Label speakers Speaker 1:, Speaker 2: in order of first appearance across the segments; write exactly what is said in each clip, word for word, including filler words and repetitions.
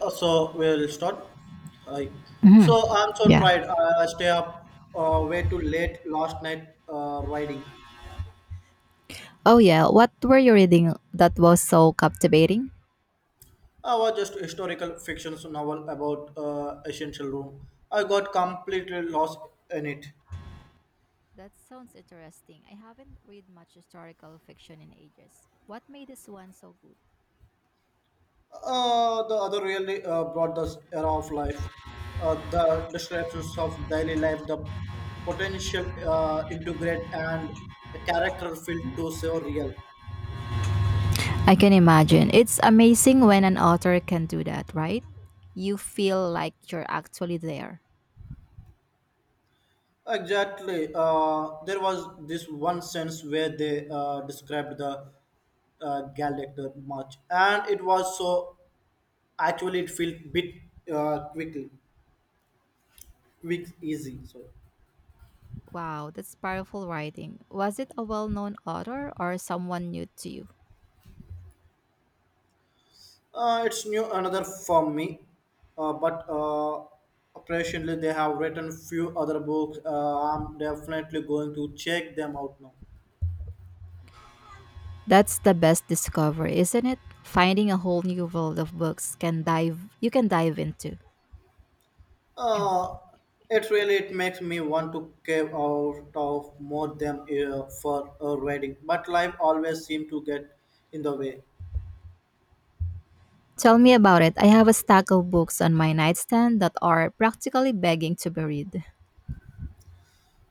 Speaker 1: Uh, so we'll start. Hi.
Speaker 2: Hmm.
Speaker 1: So I'm so
Speaker 2: Yeah.
Speaker 1: tired. I stay up uh, way too late last night uh, writing.
Speaker 2: Oh, yeah. What were you reading that was so captivating?
Speaker 1: I was just historical fiction novel about uh, essential room. I got completely lost in it.
Speaker 2: That sounds interesting. I haven't read much historical fiction in ages. What made this one so good?
Speaker 1: Uh, the other really uh, brought this era of life, uh, the descriptions of daily life, the potential uh, integrate and a character feel to so real.
Speaker 2: I can imagine. It's amazing when an author can do that, right? You feel like you're actually there.
Speaker 1: Exactly. Uh, there was this one sense where they uh, described the uh, Galactor much, and it was so actually it felt bit uh, quickly, quick, easy. So
Speaker 2: Wow, that's powerful writing. Was it a well known author or someone new to you?
Speaker 1: uh, it's new another for me, uh, but uh, apparently they have written few other books. Uh, I'm definitely going to check them out now.
Speaker 2: That's the best discovery, isn't it? Finding a whole new world of books can dive you can dive into.
Speaker 1: Uh, it really it makes me want to cave out of more than uh, for a wedding, but life always seems to get in the way.
Speaker 2: Tell me about it. I have a stack of books on my nightstand that are practically begging to be read.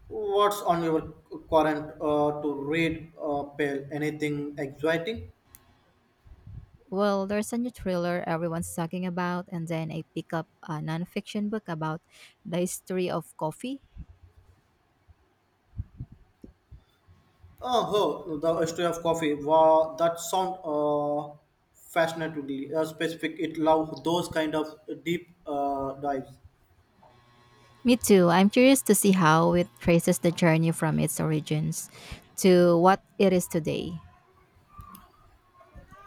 Speaker 1: What's on your current uh, to read uh, pale? Anything exciting?
Speaker 2: Well, there's a new thriller everyone's talking about, and then I pick up a nonfiction book about the history of coffee.
Speaker 1: Oh, oh, the history of coffee. Wow, that sound uh, fascinatingly uh, specific. It love those kind of deep uh, dives.
Speaker 2: Me too. I'm curious to see how it traces the journey from its origins to what it is today.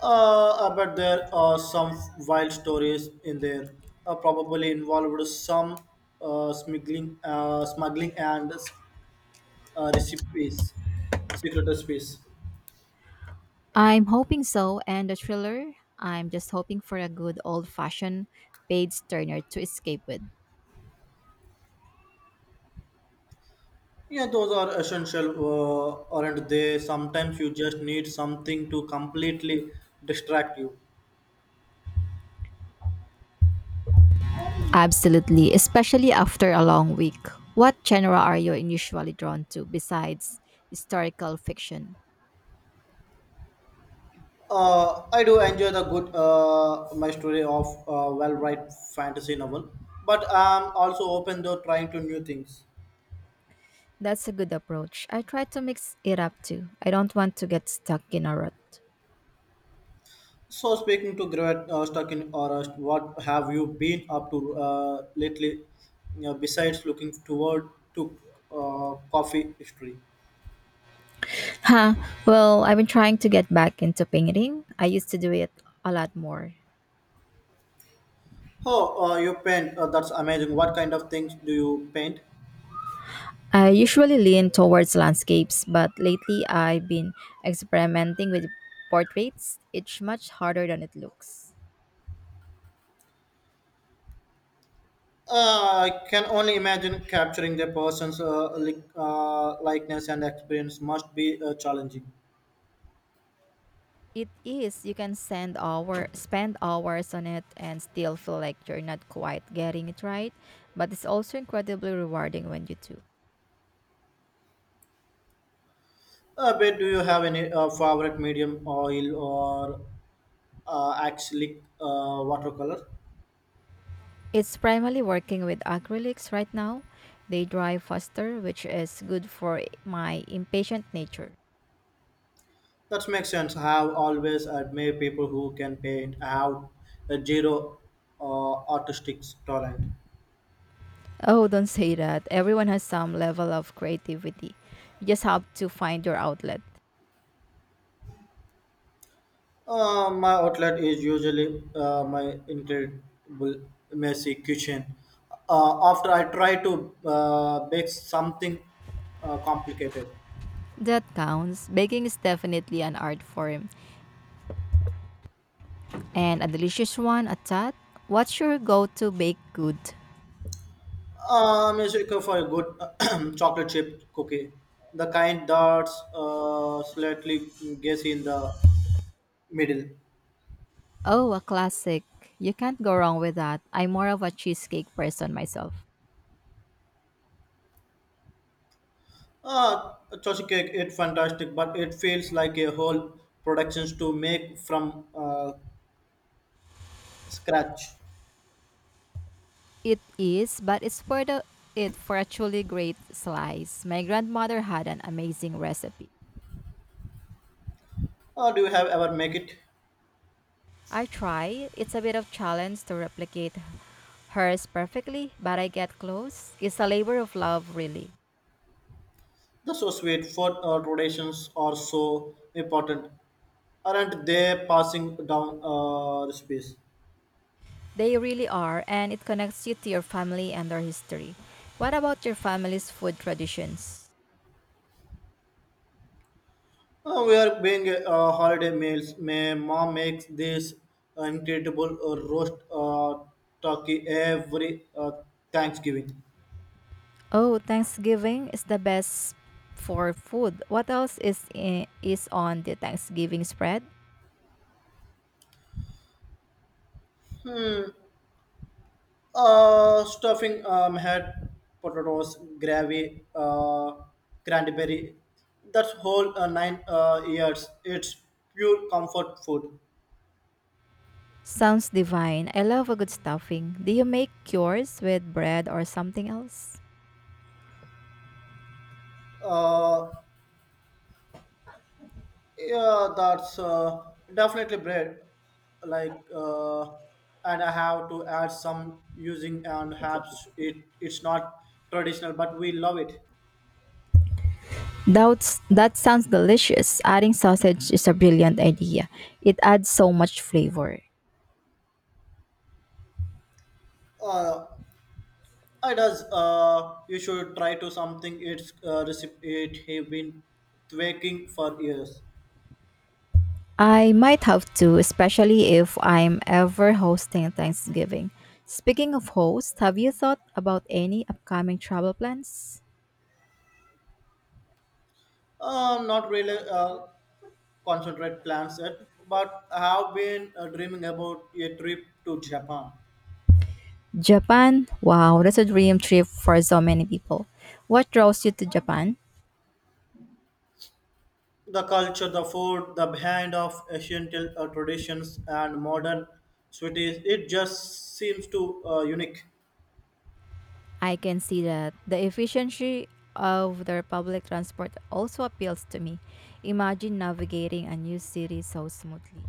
Speaker 1: Uh, I bet there are some wild stories in there. Uh, probably involved some uh, smuggling, uh, smuggling and uh, recipes, secret recipes.
Speaker 2: I'm hoping so, and the thriller, I'm just hoping for a good old fashioned page turner to escape with.
Speaker 1: Yeah, those are essential, uh, aren't they? Sometimes you just need something to completely distract you.
Speaker 2: Absolutely, especially after a long week. What genre are you usually drawn to besides historical fiction?
Speaker 1: Uh, I do enjoy the good uh, my story of uh, well-written fantasy novel, but I'm also open to trying to new things.
Speaker 2: That's a good approach. I try to mix it up too. I don't want to get stuck in a rut.
Speaker 1: So speaking to Great uh, stuck in Orust, what have you been up to uh, lately uh, besides looking toward to uh, coffee history?
Speaker 2: Huh. Well, I've been trying to get back into painting. I used to do it a lot more.
Speaker 1: Oh, uh, you paint. Uh, that's amazing. What kind of things do you paint?
Speaker 2: I usually lean towards landscapes, but lately I've been experimenting with portraits. It's much harder than it looks.
Speaker 1: Uh, I can only imagine capturing the person's uh, li- uh, likeness and experience must be uh, challenging.
Speaker 2: It is. You can send hour, spend hours on it and still feel like you're not quite getting it right, but it's also incredibly rewarding when you do.
Speaker 1: Uh, but do you have any uh, favorite medium, oil or uh, acrylic uh, watercolor?
Speaker 2: It's primarily working with acrylics right now. They dry faster, which is good for my impatient nature.
Speaker 1: That makes sense. I have always admired people who can paint. I have a zero uh, artistic talent.
Speaker 2: Oh, don't say that. Everyone has some level of creativity. You just have to find your outlet.
Speaker 1: Uh, my outlet is usually uh, my incredible messy kitchen. Uh, after I try to uh, bake something uh, complicated,
Speaker 2: That counts. Baking is definitely an art form and a delicious one at that. What's your go to baked good?
Speaker 1: uh, I'm a for a good chocolate chip cookie, the kind that's uh, slightly gassy in the middle.
Speaker 2: Oh, a classic. You can't go wrong with that. I'm more of a cheesecake person myself.
Speaker 1: Uh, Choshi cake it's fantastic, but it feels like a whole productions to make from uh, scratch.
Speaker 2: It is, but it's for the it for a truly great slice. My grandmother had an amazing recipe.
Speaker 1: Uh, do you have ever make it?
Speaker 2: I try. It's a bit of challenge to replicate hers perfectly, but I get close. It's a labor of love, really.
Speaker 1: The so sweet food uh, traditions are so important. Aren't they passing down uh, recipes?
Speaker 2: They really are, and it connects you to your family and their history. What about your family's food traditions?
Speaker 1: Uh, we are being uh, holiday meals. My mom makes this incredible uh, roast uh, turkey every uh, Thanksgiving.
Speaker 2: Oh, Thanksgiving is the best for food. What else is i- is on the Thanksgiving spread?
Speaker 1: Uh, stuffing um, had potatoes, gravy, uh, cranberry. That's whole uh, nine uh, years. It's pure comfort food.
Speaker 2: Sounds divine. I love a good stuffing. Do you make yours with bread or something else?
Speaker 1: Uh, yeah, that's uh, definitely bread. Like, uh, and I have to add some using and perhaps it it's not traditional, but we love it.
Speaker 2: That's, that sounds delicious. Adding sausage is a brilliant idea. It adds so much flavor.
Speaker 1: Uh, It does. Uh, you should try to something. It's uh, recipe. It have been tweaking for years.
Speaker 2: I might have to, especially if I'm ever hosting Thanksgiving. Speaking of hosts, have you thought about any upcoming travel plans?
Speaker 1: Uh, not really uh, concentrate plans yet, but I have been uh, dreaming about a trip to Japan.
Speaker 2: Japan? Wow, that's a dream trip for so many people. What draws you to Japan?
Speaker 1: The culture, the food, the behind of ancient uh, traditions and modern cities. It just seems to uh, unique.
Speaker 2: I can see that the efficiency of their public transport also appeals to me. Imagine navigating a new city so smoothly.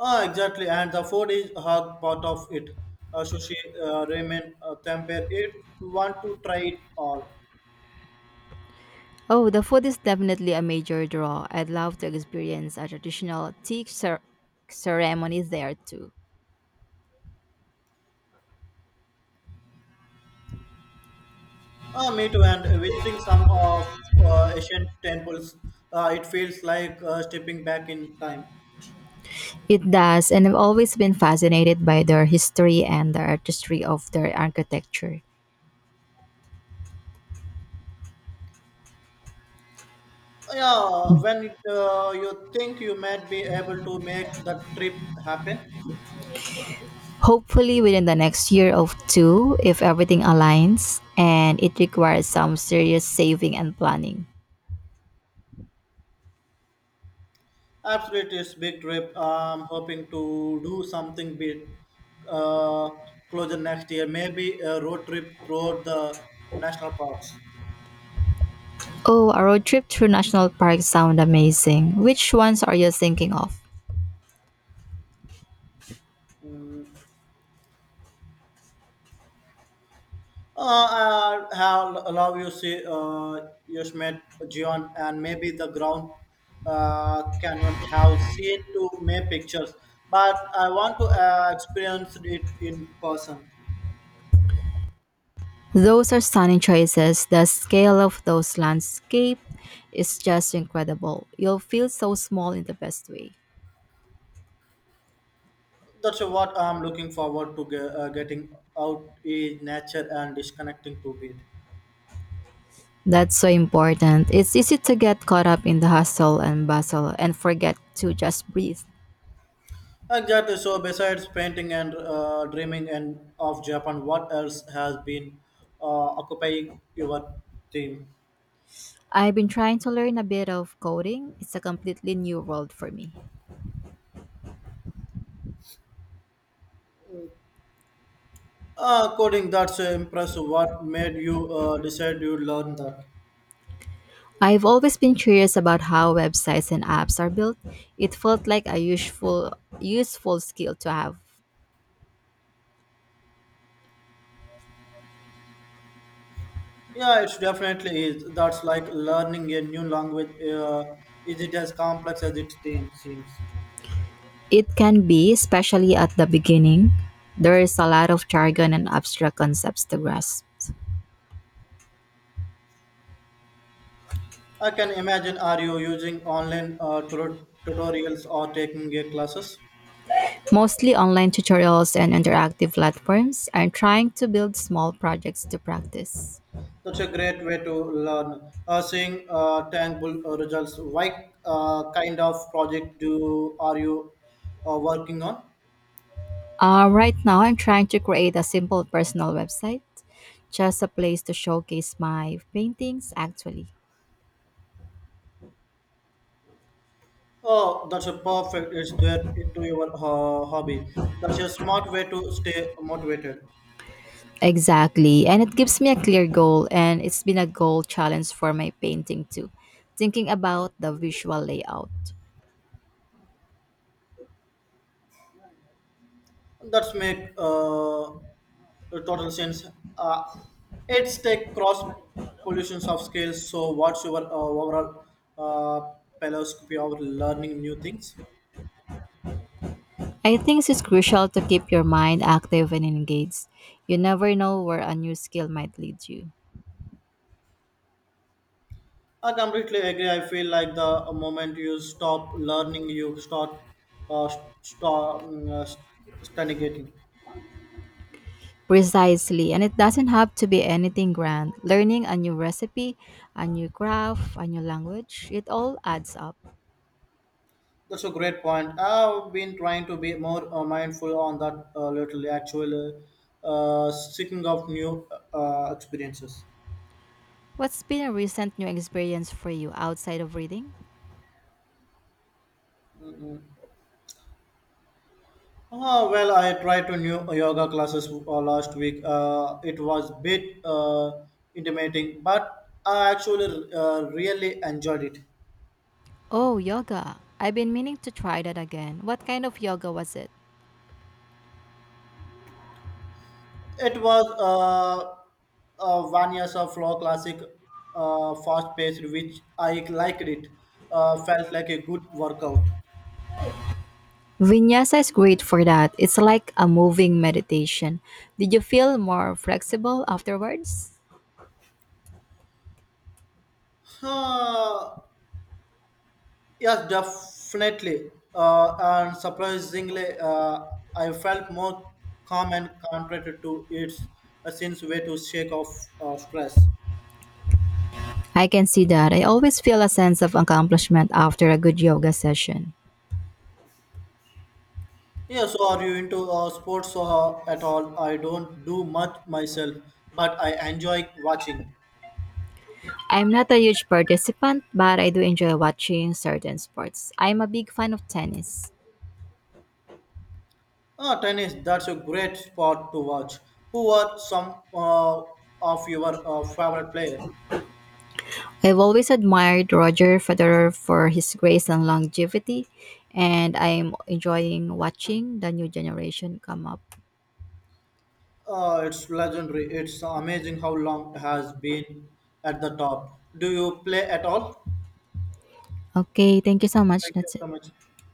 Speaker 1: Ah, exactly. And the food is a part of it. Uh, sushi, uh, ramen, uh, tempeh. It want to try it all.
Speaker 2: Oh, the food is definitely a major draw. I'd love to experience a traditional tea cer- ceremony there too.
Speaker 1: Uh, me too, and visiting some of uh, ancient temples, uh, it feels like uh, stepping back in time.
Speaker 2: It does, and I've always been fascinated by their history and the artistry of their architecture.
Speaker 1: Yeah, when uh, you think you might be able to make the trip happen,
Speaker 2: Hopefully within the next year or two if everything aligns, and it requires some serious saving and planning.
Speaker 1: absolutely, it's big trip. I'm hoping to do something bit uh, closer next year, maybe a road trip through the national parks.
Speaker 2: Oh, a road trip through national parks sound amazing. Which ones are you thinking of?
Speaker 1: Hmm. Uh, I have allow you see uh, you met John and maybe the ground uh, cannot have seen to my pictures, but I want to uh, experience it in person.
Speaker 2: Those are stunning choices. The scale of those landscapes is just incredible. You'll feel so small in the best way.
Speaker 1: That's what I'm looking forward to ge- uh, getting out in nature and disconnecting to it.
Speaker 2: That's so important. It's easy to get caught up in the hustle and bustle and forget to just breathe.
Speaker 1: Exactly. So besides painting and uh, dreaming and of Japan, what else has been uh, occupying your theme?
Speaker 2: I've been trying to learn a bit of coding. It's a completely new world for me.
Speaker 1: Uh, coding, that's uh, impressive. What made you uh, decide you learn that?
Speaker 2: I've always been curious about how websites and apps are built. It felt like a useful useful skill to have.
Speaker 1: Yeah, it's definitely is. That's like learning a new language. Uh, is it as complex as it seem- seems?
Speaker 2: It can be, especially at the beginning. There is a lot of jargon and abstract concepts to grasp.
Speaker 1: I can imagine. Are you using online uh, tut- tutorials or taking uh, classes?
Speaker 2: Mostly online tutorials and interactive platforms. I'm trying to build small projects to practice.
Speaker 1: That's a great way to learn. Uh, seeing uh, tangible uh, results. What uh, kind of project do are you uh, working on?
Speaker 2: Uh, right now, I'm trying to create a simple personal website, just a place to showcase my paintings, actually.
Speaker 1: Oh, that's a perfect. It's there into your ho- hobby. That's a smart way to stay motivated.
Speaker 2: Exactly. And it gives me a clear goal, and it's been a goal challenge for my painting too, thinking about the visual layout.
Speaker 1: That's make uh, total sense. Uh, it's take cross pollutions of skills. So, what's your uh, overall uh, philosophy of learning new things?
Speaker 2: I think it's crucial to keep your mind active and engaged. You never know where a new skill might lead you.
Speaker 1: I completely agree. I feel like the moment you stop learning, you start uh, st- stop, uh, st- stagnating.
Speaker 2: Precisely, and it doesn't have to be anything grand. Learning a new recipe, a new craft, a new language, it all adds up.
Speaker 1: That's a great point. I've been trying to be more uh, mindful on that uh, lately, actually, uh, seeking out new uh, experiences.
Speaker 2: What's been a recent new experience for you outside of reading?
Speaker 1: Uh, well, I tried to new yoga classes uh, last week. Uh, it was bit uh, intimidating, but I actually uh, really enjoyed it.
Speaker 2: Oh, yoga. I've been meaning to try that again. What kind of yoga was it?
Speaker 1: It was uh, a Vinyasa flow classic, uh, fast paced, which I liked it. Uh, felt like a good workout.
Speaker 2: Vinyasa is great for that. It's like a moving meditation. Did you feel more flexible afterwards?
Speaker 1: Huh, yes, definitely. Uh, and surprisingly, uh, I felt more calm and contented to its a since way to shake off uh, stress.
Speaker 2: I can see that. I always feel a sense of accomplishment after a good yoga session.
Speaker 1: Yeah, so are you into uh, sports uh, at all? I don't do much myself, but I enjoy watching.
Speaker 2: I'm not a huge participant, but I do enjoy watching certain sports. I'm a big fan of tennis.
Speaker 1: Ah, tennis, that's a great sport to watch. Who are some uh, of your uh, favorite player?
Speaker 2: I've always admired Roger Federer for his grace and longevity, and I'm enjoying watching the new generation come up.
Speaker 1: Uh, it's legendary. It's amazing how long has been at the top. Do you play at all?
Speaker 2: Okay, thank you so much.
Speaker 1: Thank you
Speaker 2: That's it.
Speaker 1: so much.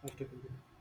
Speaker 1: Nice talking to you.